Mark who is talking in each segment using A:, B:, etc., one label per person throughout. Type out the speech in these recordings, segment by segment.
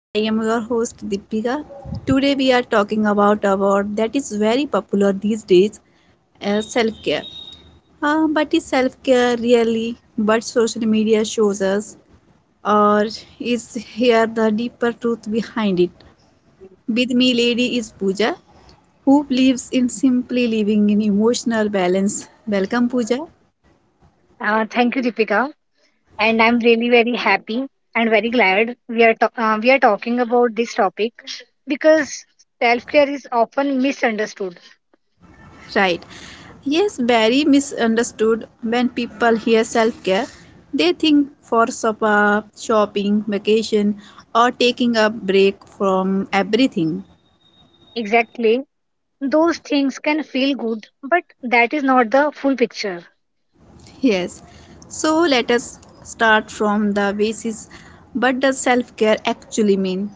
A: I am your host Deepika. Today we are talking about a word that is very popular these days, self-care. But is self-care really what social media shows us or is here the deeper truth behind it? With me lady is Pooja who believes in simply living in emotional balance. Welcome Pooja.
B: Thank you, Deepika. And I'm really very happy and very glad we are talking about this topic because self care is often misunderstood.
A: Right. Yes, very misunderstood when people hear self care. They think for spa, shopping, vacation, or taking a break from everything.
B: Exactly, those things can feel good, but that is not the full picture.
A: Yes. So let us start from the basis. What does self care actually mean?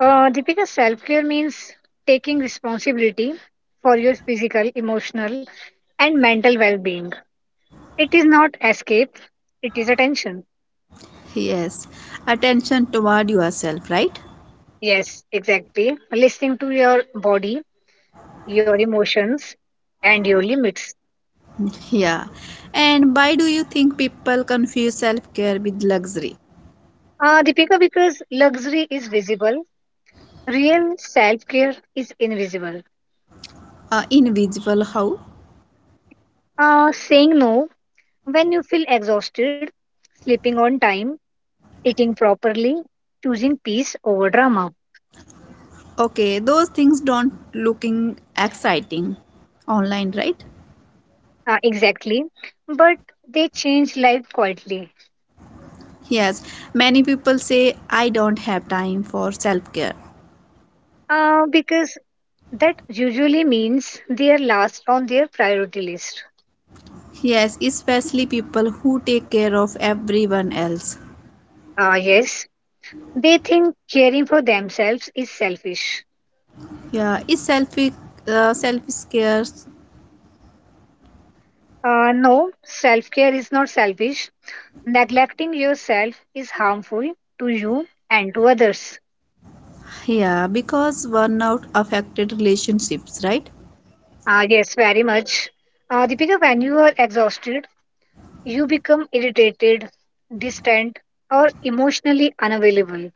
B: Deepika, self care means taking responsibility for your physical, emotional, and mental well-being. It is not escape; it is attention.
A: Yes. Attention toward yourself, right?
B: Yes, exactly. Listening to your body, your emotions, and your limits.
A: Yeah. And why do you think people confuse self care with luxury?
B: Deepika, because luxury is visible, real self care is invisible.
A: Invisible how?
B: Saying no when you feel exhausted, sleeping on time, eating properly, choosing peace over drama.
A: Okay, those things don't looking exciting online, right?
B: Exactly. But they change life quietly,
A: Yes, many people say I don't have time for self-care.
B: because that usually means they are last on their priority list.
A: Yes, especially people who take care of everyone else.
B: Yes, they think caring for themselves is selfish.
A: Yeah, is selfish self-care.
B: No, self care is not selfish. Neglecting yourself is harmful to you and to others.
A: Yeah, because burnout affected relationships, right?
B: Yes, very much. Deepika, when you are exhausted, you become irritated, distant, or emotionally unavailable.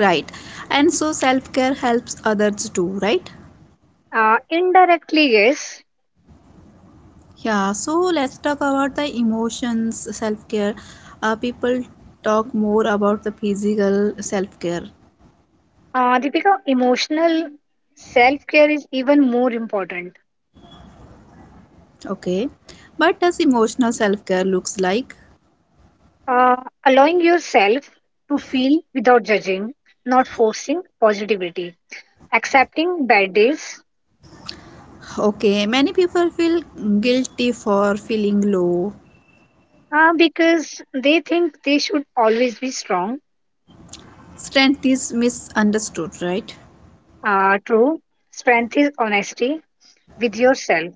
A: Right. And so self-care helps others too, right?
B: Indirectly, yes.
A: Yeah, so let's talk about the emotions self care. People talk more about the physical self care,
B: Deepika, emotional self care is even more important.
A: okay? But does emotional self care looks like?
B: Uh, Allowing yourself to feel without judging, not forcing positivity, accepting bad days.
A: Okay, many people feel guilty for feeling low.
B: Because they think they should always be strong.
A: Strength is misunderstood, right?
B: True. Strength is honesty with yourself.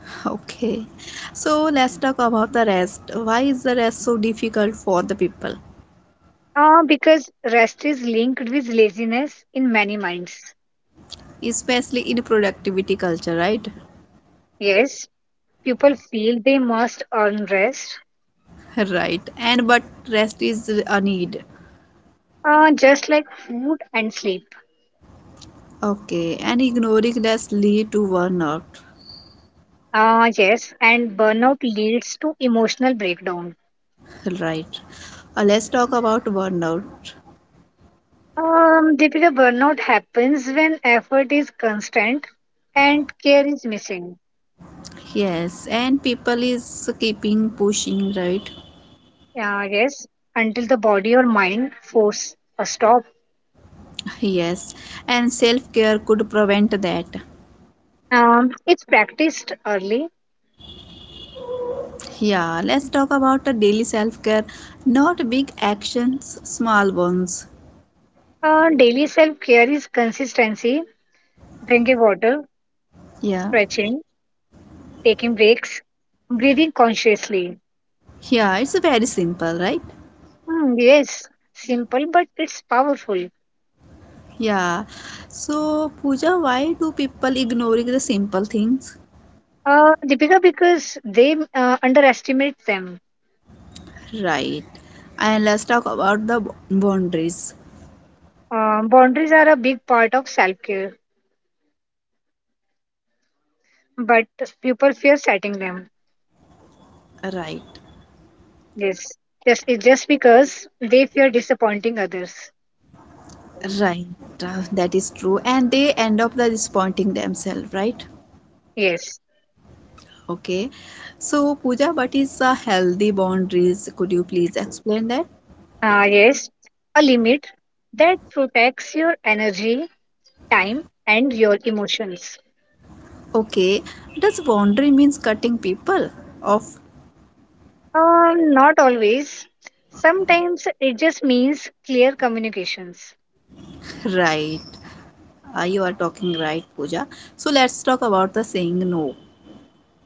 A: Okay, so let's talk about the rest. Why is the rest so difficult for the people,
B: Because rest is linked with laziness in many minds.
A: especially in productivity culture, right?
B: Yes, people feel they must earn rest,
A: Right, and but rest is a need.
B: just like food and sleep.
A: Okay, and ignoring less lead to burnout.
B: Yes, and burnout leads to emotional breakdown.
A: Right. Let's talk about burnout.
B: Deepika, burnout happens when effort is constant and care is missing.
A: Yes, and people is keeping pushing, right?
B: Yes, until the body or mind force a stop.
A: Yes, and self care could prevent that.
B: If practiced early,
A: Yeah, let's talk about the daily self care. Not big actions, small ones.
B: daily self care is consistency, drinking water,
A: Yeah,
B: stretching, taking breaks, breathing consciously.
A: yeah, it's very simple, right?
B: Hmm, yes, simple, but it's powerful.
A: Yeah. So, Pooja, why do people ignoring the simple things?
B: Deepika, because they underestimate them.
A: Right. And let's talk about the boundaries.
B: Boundaries are a big part of self care, but people fear setting them.
A: Right.
B: Yes, it's just because they fear disappointing others.
A: Right. That is true. And they end up the disappointing themselves, right?
B: Yes.
A: Okay. So, Pooja, what is a healthy boundaries? Could you please explain that?
B: Ah, yes, a limit that protects your energy, time, and your emotions.
A: Okay. Does boundary means cutting people off?
B: Not always. Sometimes it just means clear communications.
A: Right. You are talking right, Pooja. So, let's talk about the saying no.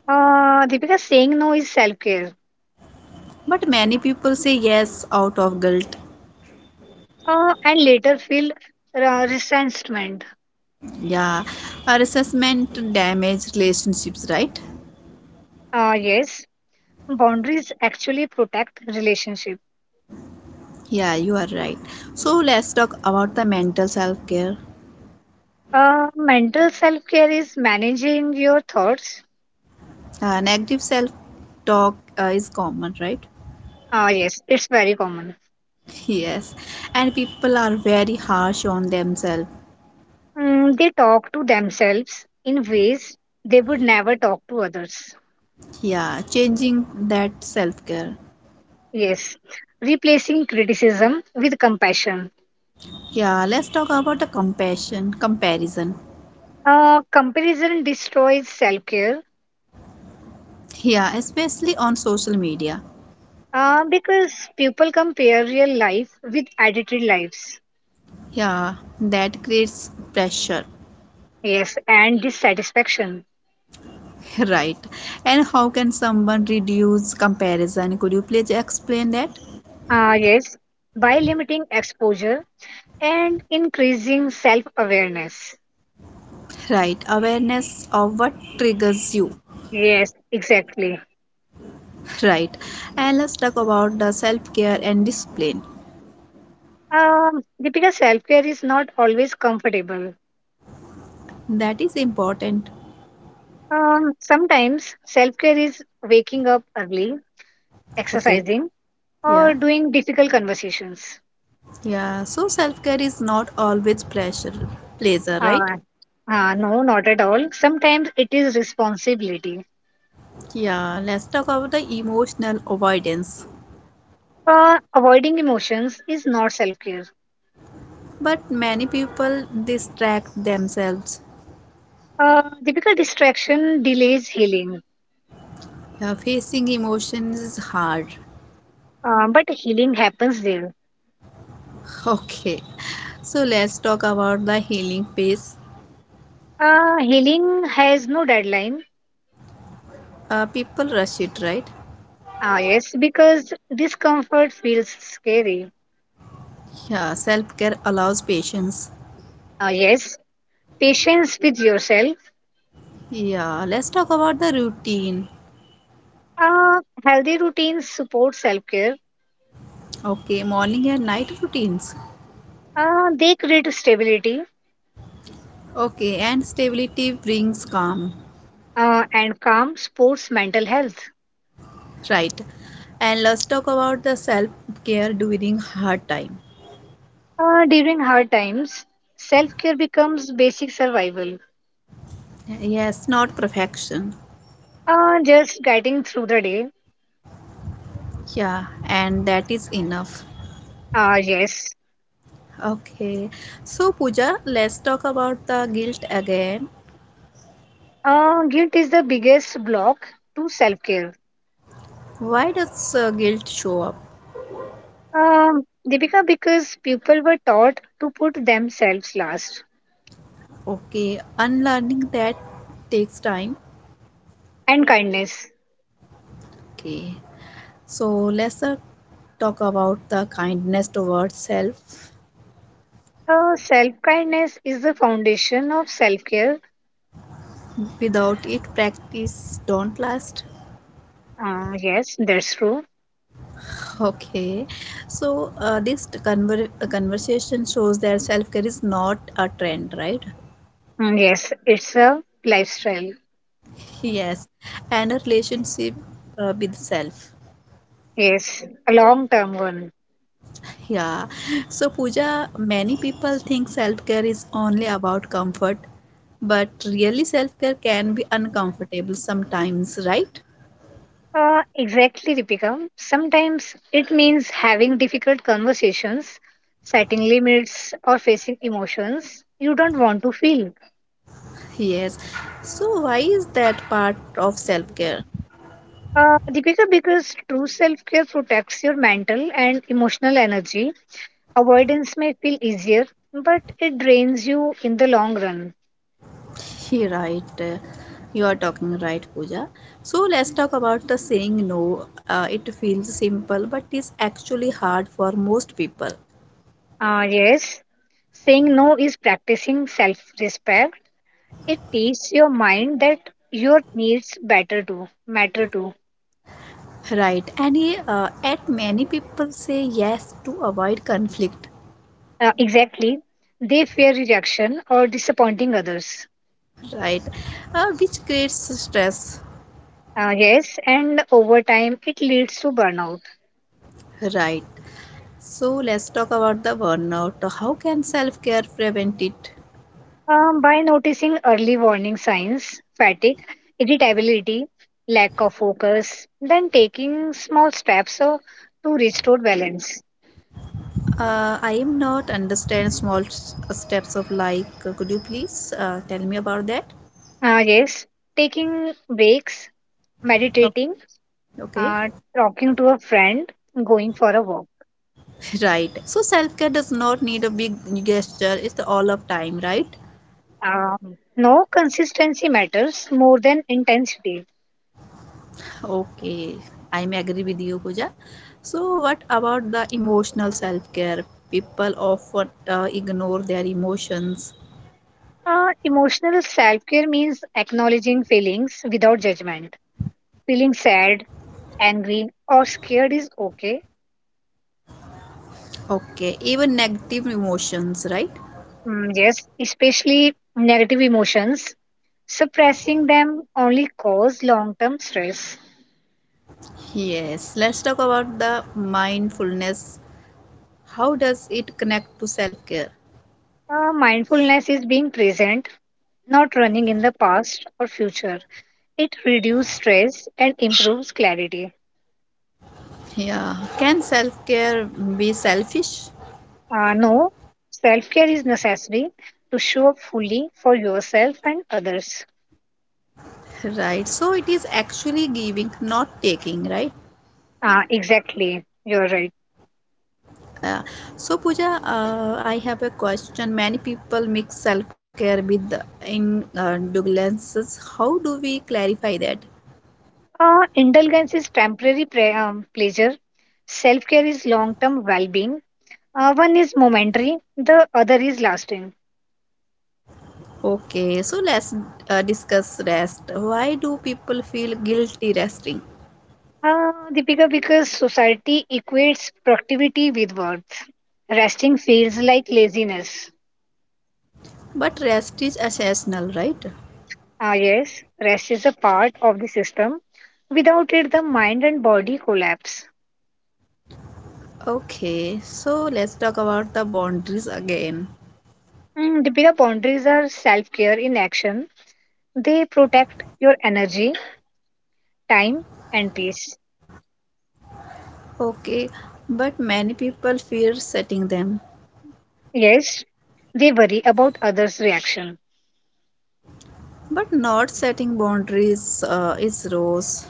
B: Deepika, saying no is self care.
A: But many people say yes out of guilt.
B: And later feel resentment.
A: Yeah. Our assessment damage relationships, right?
B: Yes, boundaries actually protect relationship.
A: Yeah, you are right. So let's talk about the mental self care.
B: Mental self care is managing your thoughts.
A: Negative self talk is common, right?
B: Ah, yes, it's very common.
A: Yes, and people are very harsh on themselves.
B: Mm, they talk to themselves in ways they would never talk to others.
A: Yeah, changing that self care.
B: Yes, replacing criticism with compassion.
A: Yeah, let's talk about the compassion, comparison.
B: Comparison destroys self care,
A: Yeah, especially on social media.
B: because people compare real life with edited lives.
A: Yeah, that creates pressure.
B: Yes, and dissatisfaction.
A: Right? And how can someone reduce comparison? Could you please explain that?
B: Yes, by limiting exposure and increasing self awareness.
A: Right, awareness of what triggers you,
B: Yes, exactly.
A: right. And let's talk about the self care and discipline.
B: Deepika, self care is not always comfortable.
A: That is important.
B: Sometimes self care is waking up early,
A: Okay.
B: exercising,
A: Yeah,
B: or doing difficult conversations.
A: yeah, so self care is not always pleasure, right.
B: Uh, no, not at all. Sometimes it is responsibility.
A: Yeah, let's talk about the emotional avoidance.
B: Avoiding emotions is not self care.
A: But many people distract themselves.
B: Typical distraction delays healing,
A: Yeah, facing emotions is hard.
B: but healing happens there.
A: Okay, so let's talk about the healing phase.
B: Healing has no deadline.
A: People rush it, right.
B: Ah, yes, because discomfort feels scary.
A: Yeah, self care allows patience.
B: Ah, yes, patience with yourself.
A: Yeah, let's talk about the routine.
B: Healthy routines support self care.
A: Okay, morning and night routines.
B: They create stability,
A: Okay, and stability brings calm.
B: and calm supports mental health.
A: Right. And let's talk about the self care during hard time.
B: During hard times, self care becomes basic survival.
A: Yes, not perfection.
B: Just getting through the day.
A: Yeah, and that is enough.
B: Yes.
A: Okay, so Pooja, let's talk about the guilt again.
B: Guilt is the biggest block to self care.
A: Why does guilt show up?
B: Um, Deepika, because people were taught to put themselves last,
A: Okay, unlearning that takes time.
B: and kindness.
A: Okay, so let's talk about the kindness towards self.
B: Self kindness is the foundation of self care.
A: Without it, practice don't last.
B: Yes, that's true.
A: Okay, so this conversation shows that self care is not a trend, right?
B: Mm, yes, it's a lifestyle.
A: Yes, and a relationship with self.
B: Yes, a long term one.
A: Yeah, so Pooja, many people think self care is only about comfort, but really, self care can be uncomfortable sometimes, right?
B: Exactly, Deepika. Sometimes it means having difficult conversations, setting limits, or facing emotions you don't want to feel.
A: Yes. So why is that part of self-care?
B: Deepika, because true self care protects your mental and emotional energy, avoidance may feel easier, but it drains you in the long run.
A: He right. You are talking right, Pooja. So let's talk about the saying no. It feels simple, but is actually hard for most people.
B: Yes, saying no is practicing self respect. It teaches your mind that your needs better to matter to.
A: Right. And at many people say yes to avoid conflict.
B: Exactly. They fear rejection or disappointing others.
A: Right. Which creates stress.
B: Yes, and over time it leads to burnout.
A: Right. So let's talk about the burnout. How can self-care prevent it?
B: By noticing early warning signs, fatigue, irritability, lack of focus, then taking small steps to restore balance.
A: I am not understand small steps of life. Could you please tell me about that?
B: Yes, taking breaks, meditating,
A: Okay. Okay,
B: uh, talking to a friend, going for a walk.
A: right. So self care does not need a big gesture. It's all of time, right?
B: No, consistency matters more than intensity.
A: Okay, I'm agree with you, Pooja. So what about the emotional self care? People often ignore their emotions.
B: Emotional self care means acknowledging feelings without judgment. Feeling sad, angry, or scared is okay.
A: Okay, even negative emotions, right?
B: Mm, yes, especially negative emotions. Suppressing them only cause long term stress.
A: Yes. Let's talk about the mindfulness. How does it connect to self care?
B: Mindfulness is being present, not running in the past or future. It reduces stress and improves clarity.
A: Yeah, can self care be selfish?
B: No, self care is necessary to show up fully for yourself and others.
A: Right, so it is actually giving, not taking, right?
B: Exactly, you're right.
A: Uh, so, Pooja, I have a question. Many people mix self care with indulgences. How do we clarify that?
B: Indulgence is temporary pleasure, self care is long term well being. One is momentary, the other is lasting.
A: Okay, so let's discuss rest. Why do people feel guilty resting?
B: Deepika, because society equates productivity with worth, resting feels like laziness.
A: But rest is essential, right?
B: Ah, yes, rest is a part of the system. Without it, the mind and body collapse.
A: Okay, so let's talk about the boundaries again.
B: Mm, Deepika, boundaries are self care in action. They protect your energy, time, and peace.
A: Okay, but many people fear setting them.
B: Yes, they worry about others' reaction.
A: But not setting boundaries is rose.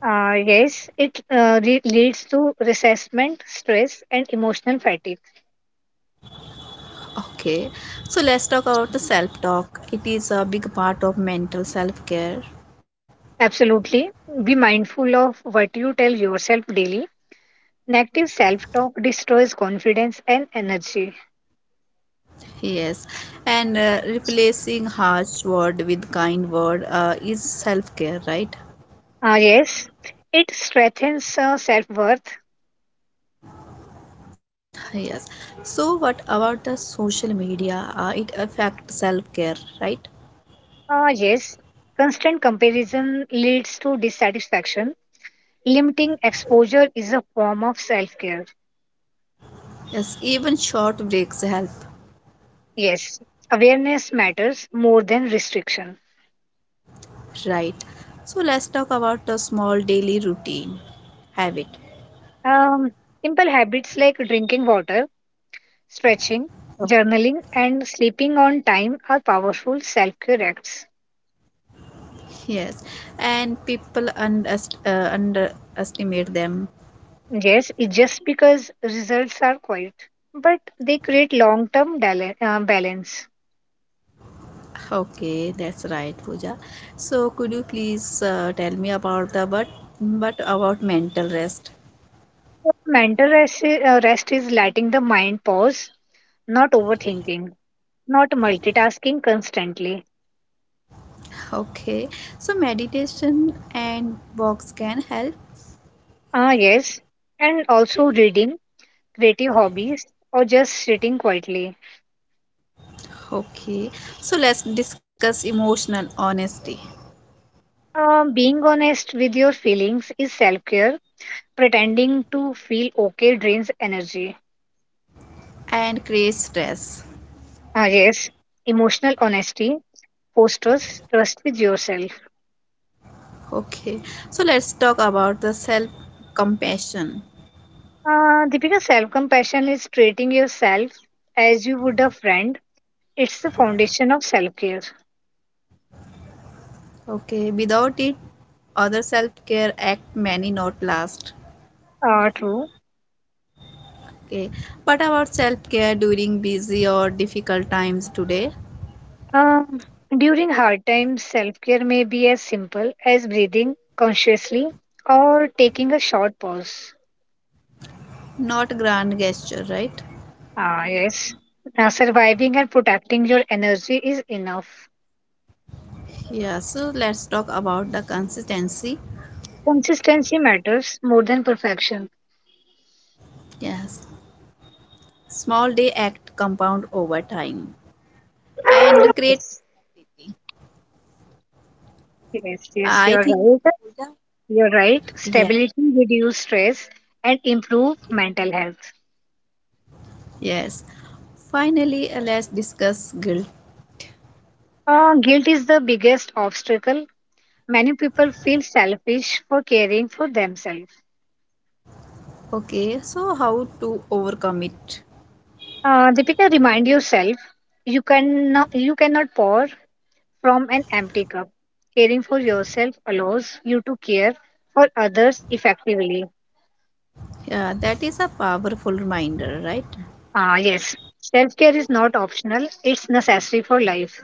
B: Yes, it leads to resentment, stress, and emotional fatigue.
A: Okay, so let's talk about the self talk. It is a big part of mental self care.
B: Absolutely. Be mindful of what you tell yourself daily. Negative self talk destroys confidence and energy.
A: Yes, and replacing harsh word with kind word is self care, right?
B: Yes, it strengthens self worth.
A: Yes. So what about the social media? It affects self care, right?
B: Ah, yes, constant comparison leads to dissatisfaction. Limiting exposure is a form of self care.
A: Yes, even short breaks help.
B: Yes, awareness matters more than restriction.
A: Right. So let's talk about the small daily routine habit.
B: Um, Simple habits like drinking water, stretching, journaling, and sleeping on time are powerful self care acts.
A: Yes, and people underestimate them.
B: Yes, it's just because results are quiet, but they create long term balance.
A: Okay, that's right, Pooja. So could you please tell me about the what but about mental rest?
B: Rest is letting the mind pause, not overthinking. Not multitasking constantly.
A: Okay, so meditation and walks can help.
B: Ah, yes. And also reading, creative hobbies, or just sitting quietly.
A: Okay, so let's discuss emotional honesty
B: Being honest with your feelings is self care. Pretending to feel okay drains energy.
A: and create stress.
B: Ah, yes. Emotional honesty fosters trust with yourself.
A: Okay, so let's talk about the self compassion.
B: Deepika, self compassion is treating yourself as you would a friend. It's the foundation of self care.
A: Okay, without it, other self-care act many not last.
B: Ah, true.
A: Okay, but about self-care during busy or difficult times today?
B: Um, During hard times, self care may be as simple as breathing consciously or taking a short pause.
A: Not grand gesture, right?
B: Ah, yes. Now, surviving and protecting your energy is enough.
A: Yeah, so let's talk about the consistency.
B: Consistency matters more than perfection.
A: Yes, small day act compound over time and create.
B: Yes, yes, yes,
A: I
B: you're
A: think
B: right. You're right.
A: yes,
B: Stability reduce stress and improve mental health.
A: yes. Finally, let's discuss guilt.
B: Guilt is the biggest obstacle. Many people feel selfish for caring for themselves.
A: Okay, so how to overcome it?
B: Deepika, remind yourself you can no, you cannot pour from an empty cup. Caring for yourself allows you to care for others effectively.
A: Yeah, that is a powerful reminder, right?
B: Ah, yes. Self care is not optional; it's necessary for life.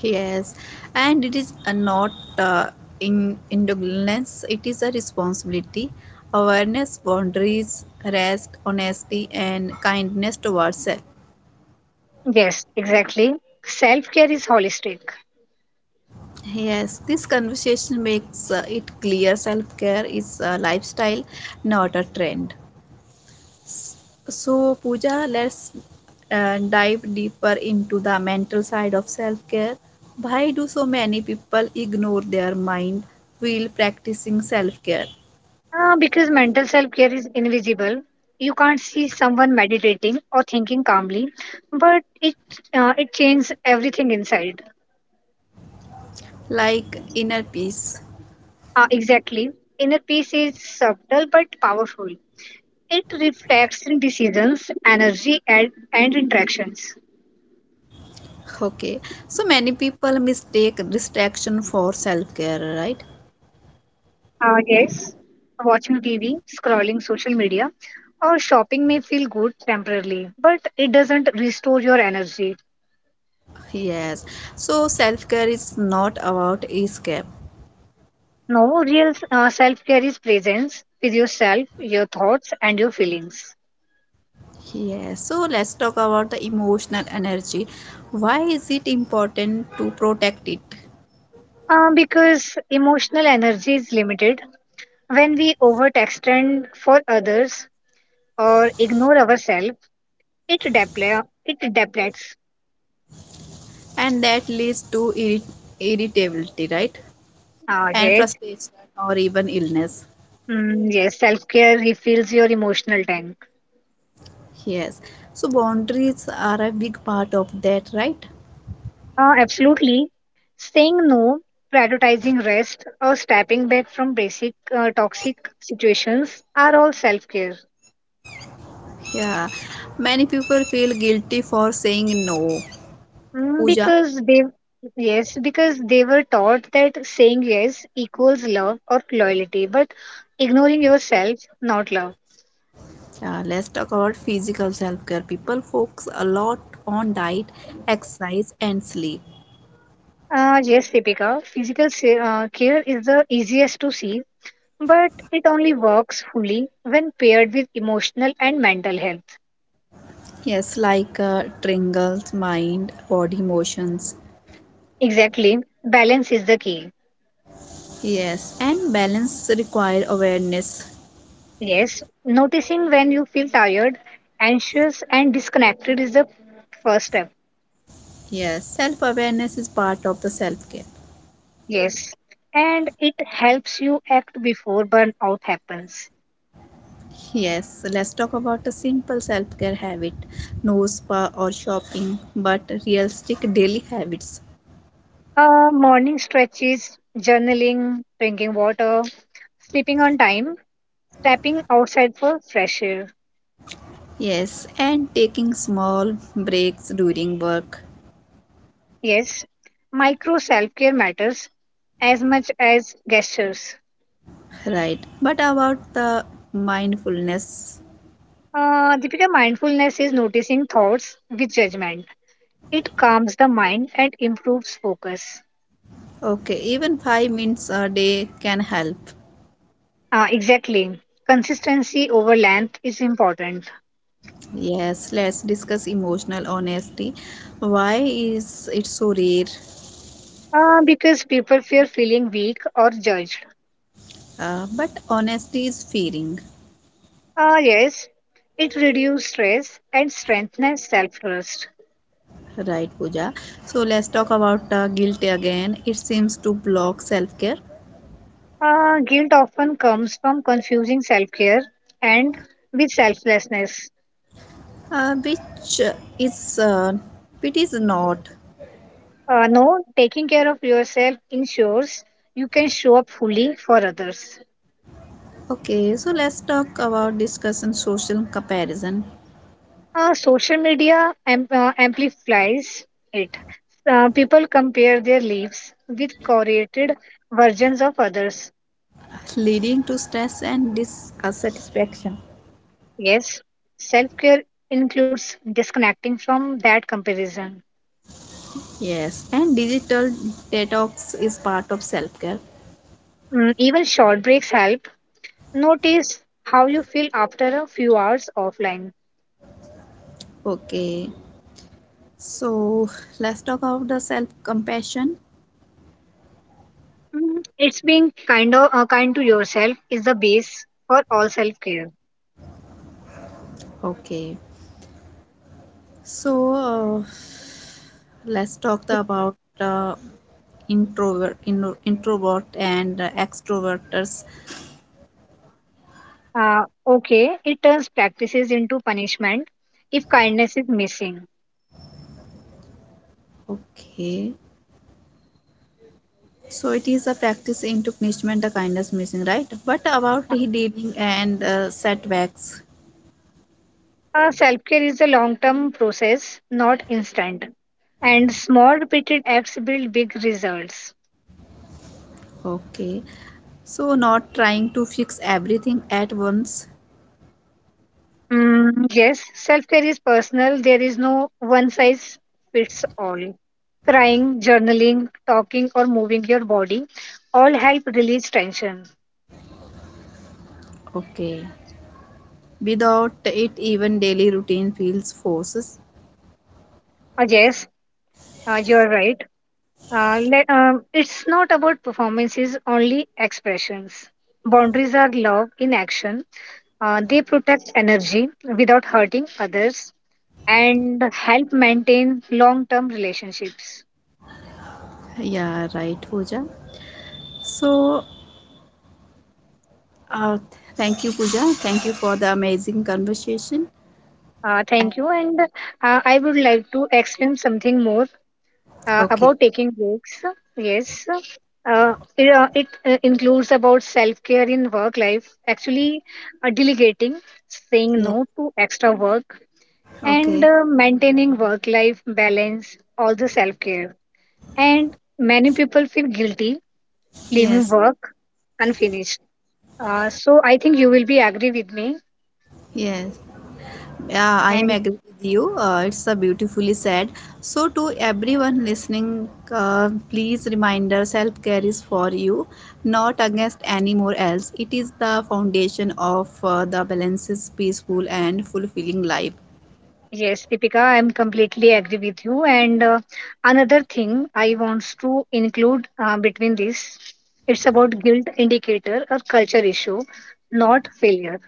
A: Yes, and it is a not uh, in indulgence, it is a responsibility. Awareness, boundaries, rest, honesty, and kindness towards self.
B: Yes, exactly. Self care is holistic.
A: Yes, this conversation makes it clear self care is a lifestyle, not a trend. So, Pooja, let's dive deeper into the mental side of self care. Why do so many people ignore their mind while practicing self care?
B: Because mental self care is invisible. You can't see someone meditating or thinking calmly, but it changes everything inside.
A: Like inner peace.
B: Exactly. Inner peace is subtle but powerful. It reflects in decisions, energy, and interactions.
A: Okay, so many people mistake distraction for self care, right?
B: Yes, watching TV, scrolling social media, or shopping may feel good temporarily, but it doesn't restore your energy.
A: Yes, so self care is not about escape.
B: No, real self care is presence with yourself, your thoughts, and your feelings.
A: Yes, so let's talk about the emotional energy. Why is it important to protect it?
B: Because emotional energy is limited when we overextend for others or ignore ourselves. It depletes. It depletes.
A: And that leads to irritability, right, and
B: Yes.
A: frustration or even illness.
B: Mm, yes. Self care refills your emotional tank.
A: Yes, so boundaries are a big part of that, right.
B: Absolutely. Saying no, prioritizing rest, or stepping back from basic toxic situations are all self care.
A: Yeah, many people feel guilty for saying no.
B: Mm,
A: Pooja,
B: because they, yes, because they were taught that saying yes equals love or loyalty, but ignoring yourself, not love.
A: yeah, let's talk about physical self care. People focus a lot on diet, exercise, and sleep.
B: Yes, Deepika, physical care is the easiest to see. But it only works fully when paired with emotional and mental health.
A: Yes, like triangles, mind, body motions.
B: Exactly, balance is the key.
A: Yes, and balance require awareness.
B: Yes, noticing when you feel tired, anxious, and disconnected is the first step.
A: Yes, self awareness is part of the self care.
B: Yes, and it helps you act before burnout happens.
A: Yes, let's talk about a simple self care habit, no spa or shopping, but realistic daily habits.
B: Morning stretches, journaling, drinking water, sleeping on time, stepping outside for fresh air.
A: Yes, and taking small breaks during work.
B: Yes, micro self care matters as much as gestures.
A: Right. But about the mindfulness.
B: Deepika, mindfulness is noticing thoughts with judgment. It calms the mind and improves focus.
A: Okay, even 5 minutes a day can help.
B: Exactly. Consistency over length is important,
A: Yes, let's discuss emotional honesty. Why is it so rare?
B: because people fear feeling weak or judged.
A: But honesty is fearing.
B: Yes, it reduces stress and strengthens self trust.
A: Right, Pooja. So let's talk about guilt again. It seems to block self care,
B: Guilt often comes from confusing self care and with selflessness.
A: which is it is not.
B: No, taking care of yourself ensures you can show up fully for others.
A: Okay, so let's talk about discussing social comparison
B: Social media amplifies it. People compare their lives with curated versions of others.
A: leading to stress and dissatisfaction.
B: Yes, self care includes disconnecting from that comparison.
A: Yes, and digital detox is part of self care.
B: Mm, even short breaks help. Notice how you feel after a few hours offline.
A: Okay, so let's talk about the self compassion.
B: Mm, it's being kind to yourself is the base for all self care.
A: Okay, so let's talk about uh, introvert and extroverters.
B: Okay, it turns practices into punishment if kindness is missing.
A: Okay, so it is a practice in to punishment, the kindness missing, right? But about the and setbacks,
B: Self care is a long term process, not instant. And small repeated acts build big results.
A: okay. So not trying to fix everything at once,
B: Mm, yes, self care is personal. There is no one size fits all. Crying, journaling, talking, or moving your body all help release tension.
A: okay. Without it even daily routine feels forces.
B: Yes, you're right. It's not about performances, only expressions. Boundaries are love in action. They protect energy without hurting others and help maintain long term relationships.
A: Yeah, right, Pooja. So uh, thank you, Pooja. Thank you for the amazing conversation. And-
B: Thank you. And I would like to explain something more
A: Okay.
B: about taking breaks. Yes. It includes about self care in work life, actually, delegating, saying
A: Yeah.
B: no to extra work, and
A: Okay.
B: uh, maintaining work life balance, all the self care. And many people feel guilty leaving
A: Yes.
B: work unfinished. So I think you will be agree with me.
A: Yes. Yeah, I am
B: And
A: agree with you. It's a beautifully said. So, to everyone listening, please reminder self care is for you, not against anymore else. It is the foundation of the balances, peaceful, and fulfilling life.
B: yes, Deepika, I'm completely agree with you. And another thing I wants to include between this, it's about guilt indicator or culture issue, not failure.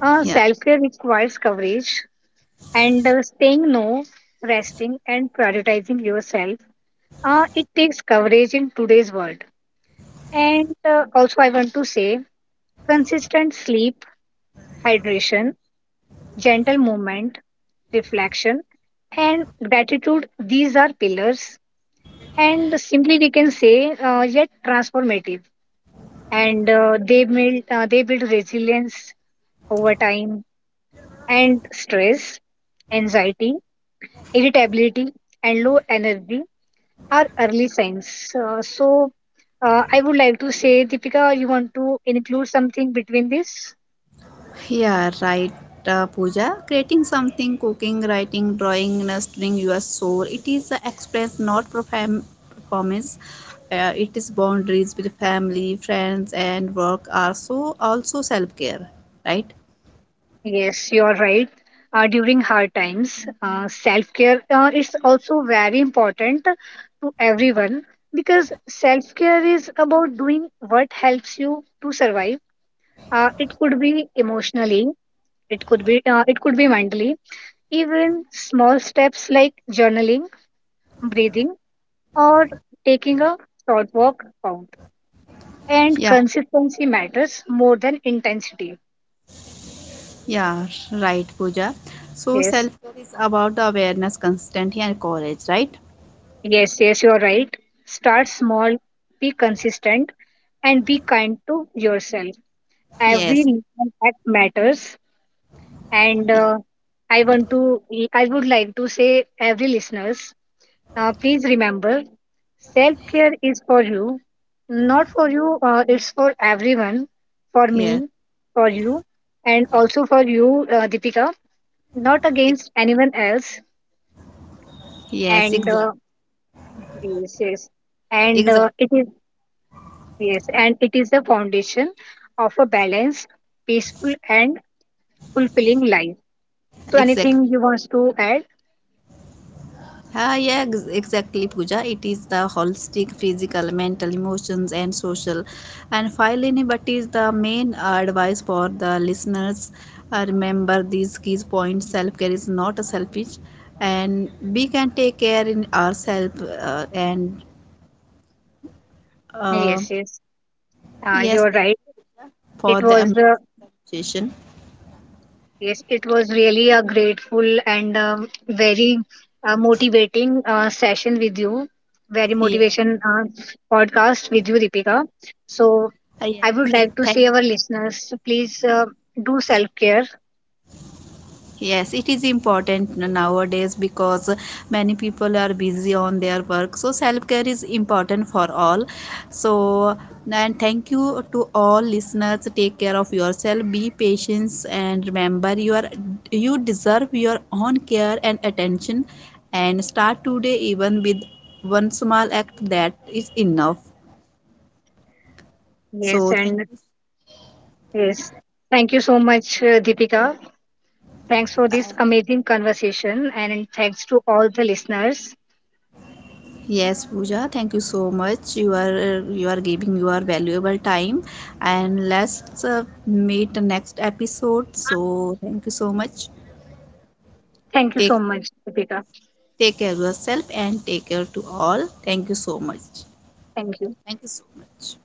A: Yeah.
B: Self-care requires coverage and saying no, resting and prioritizing yourself. It takes coverage in today's world. And also I want to say consistent sleep, hydration, gentle movement, reflection, and gratitude. These are pillars, and simply we can say, yet transformative. And they build resilience over time, and stress, anxiety, irritability, and low energy are early signs. So, I would like to say, Deepika, you want to include something between this?
A: Yeah, right, Pooja. Creating something, cooking, writing, drawing, nurturing your soul. It is the express, not performance. It is boundaries with family, friends, and work are so also self care, right?
B: Yes, you're right. During hard times, self care is also very important to everyone because self care is about doing what helps you to survive. It could be emotionally, it could be mentally. Even small steps like journaling, breathing, or taking a short walk count. And
A: Yeah,
B: consistency matters more than intensity.
A: yeah, right, Pooja. So
B: Yes.
A: self care is about the awareness, consistency, and courage, right?
B: Yes, yes, you're right. Start small, be consistent, and be kind to yourself. Every
A: Yes,
B: little act matters. And
A: yes,
B: I want to, I would like to say, every listeners, please remember, self care is for you, not for you. It's for everyone, for
A: yes,
B: me, for you, and also for you, Deepika. Not
A: ex-
B: against anyone else.
A: yes,
B: And
A: exactly,
B: yes, yes and
A: exactly,
B: it is Yes, and it is the foundation of a balanced, peaceful, and fulfilling life. So, anything
A: exactly.
B: you want to add?
A: Ah, yeah, exactly, Pooja. It is the holistic physical, mental, emotions, and social. And finally, but is the main advice for the listeners. Remember these key points: self care is not a selfish, and we can take care in ourselves. And uh,
B: Yes, yes,
A: yes,
B: you're
A: thank you
B: right.
A: for
B: It
A: the
B: was uh,
A: amazing session.
B: yes, it was really a grateful and very motivating session with you. Very
A: Yeah,
B: motivation podcast with you, Deepika. So,
A: ah,
B: I
A: yes,
B: would
A: thank.
B: like to say our listeners, please do self care.
A: Yes, it is important nowadays because many people are busy on their work. So self-care is important for all. So and thank you to all listeners. Take care of yourself, be patient and remember you deserve your own care and attention and start today even with one small act that is enough.
B: Yes,
A: So thank
B: and
A: you.
B: yes, thank you so much, Deepika. Thanks for this amazing conversation and thanks to all the listeners.
A: Yes, Pooja, thank you so much. You are giving your valuable time, and let's meet the next episode. So thank you so much.
B: Thank you so
A: Take
B: much, Deepika.
A: take care of yourself and take care to all. Thank you so much.
B: Thank you.
A: Thank you so much.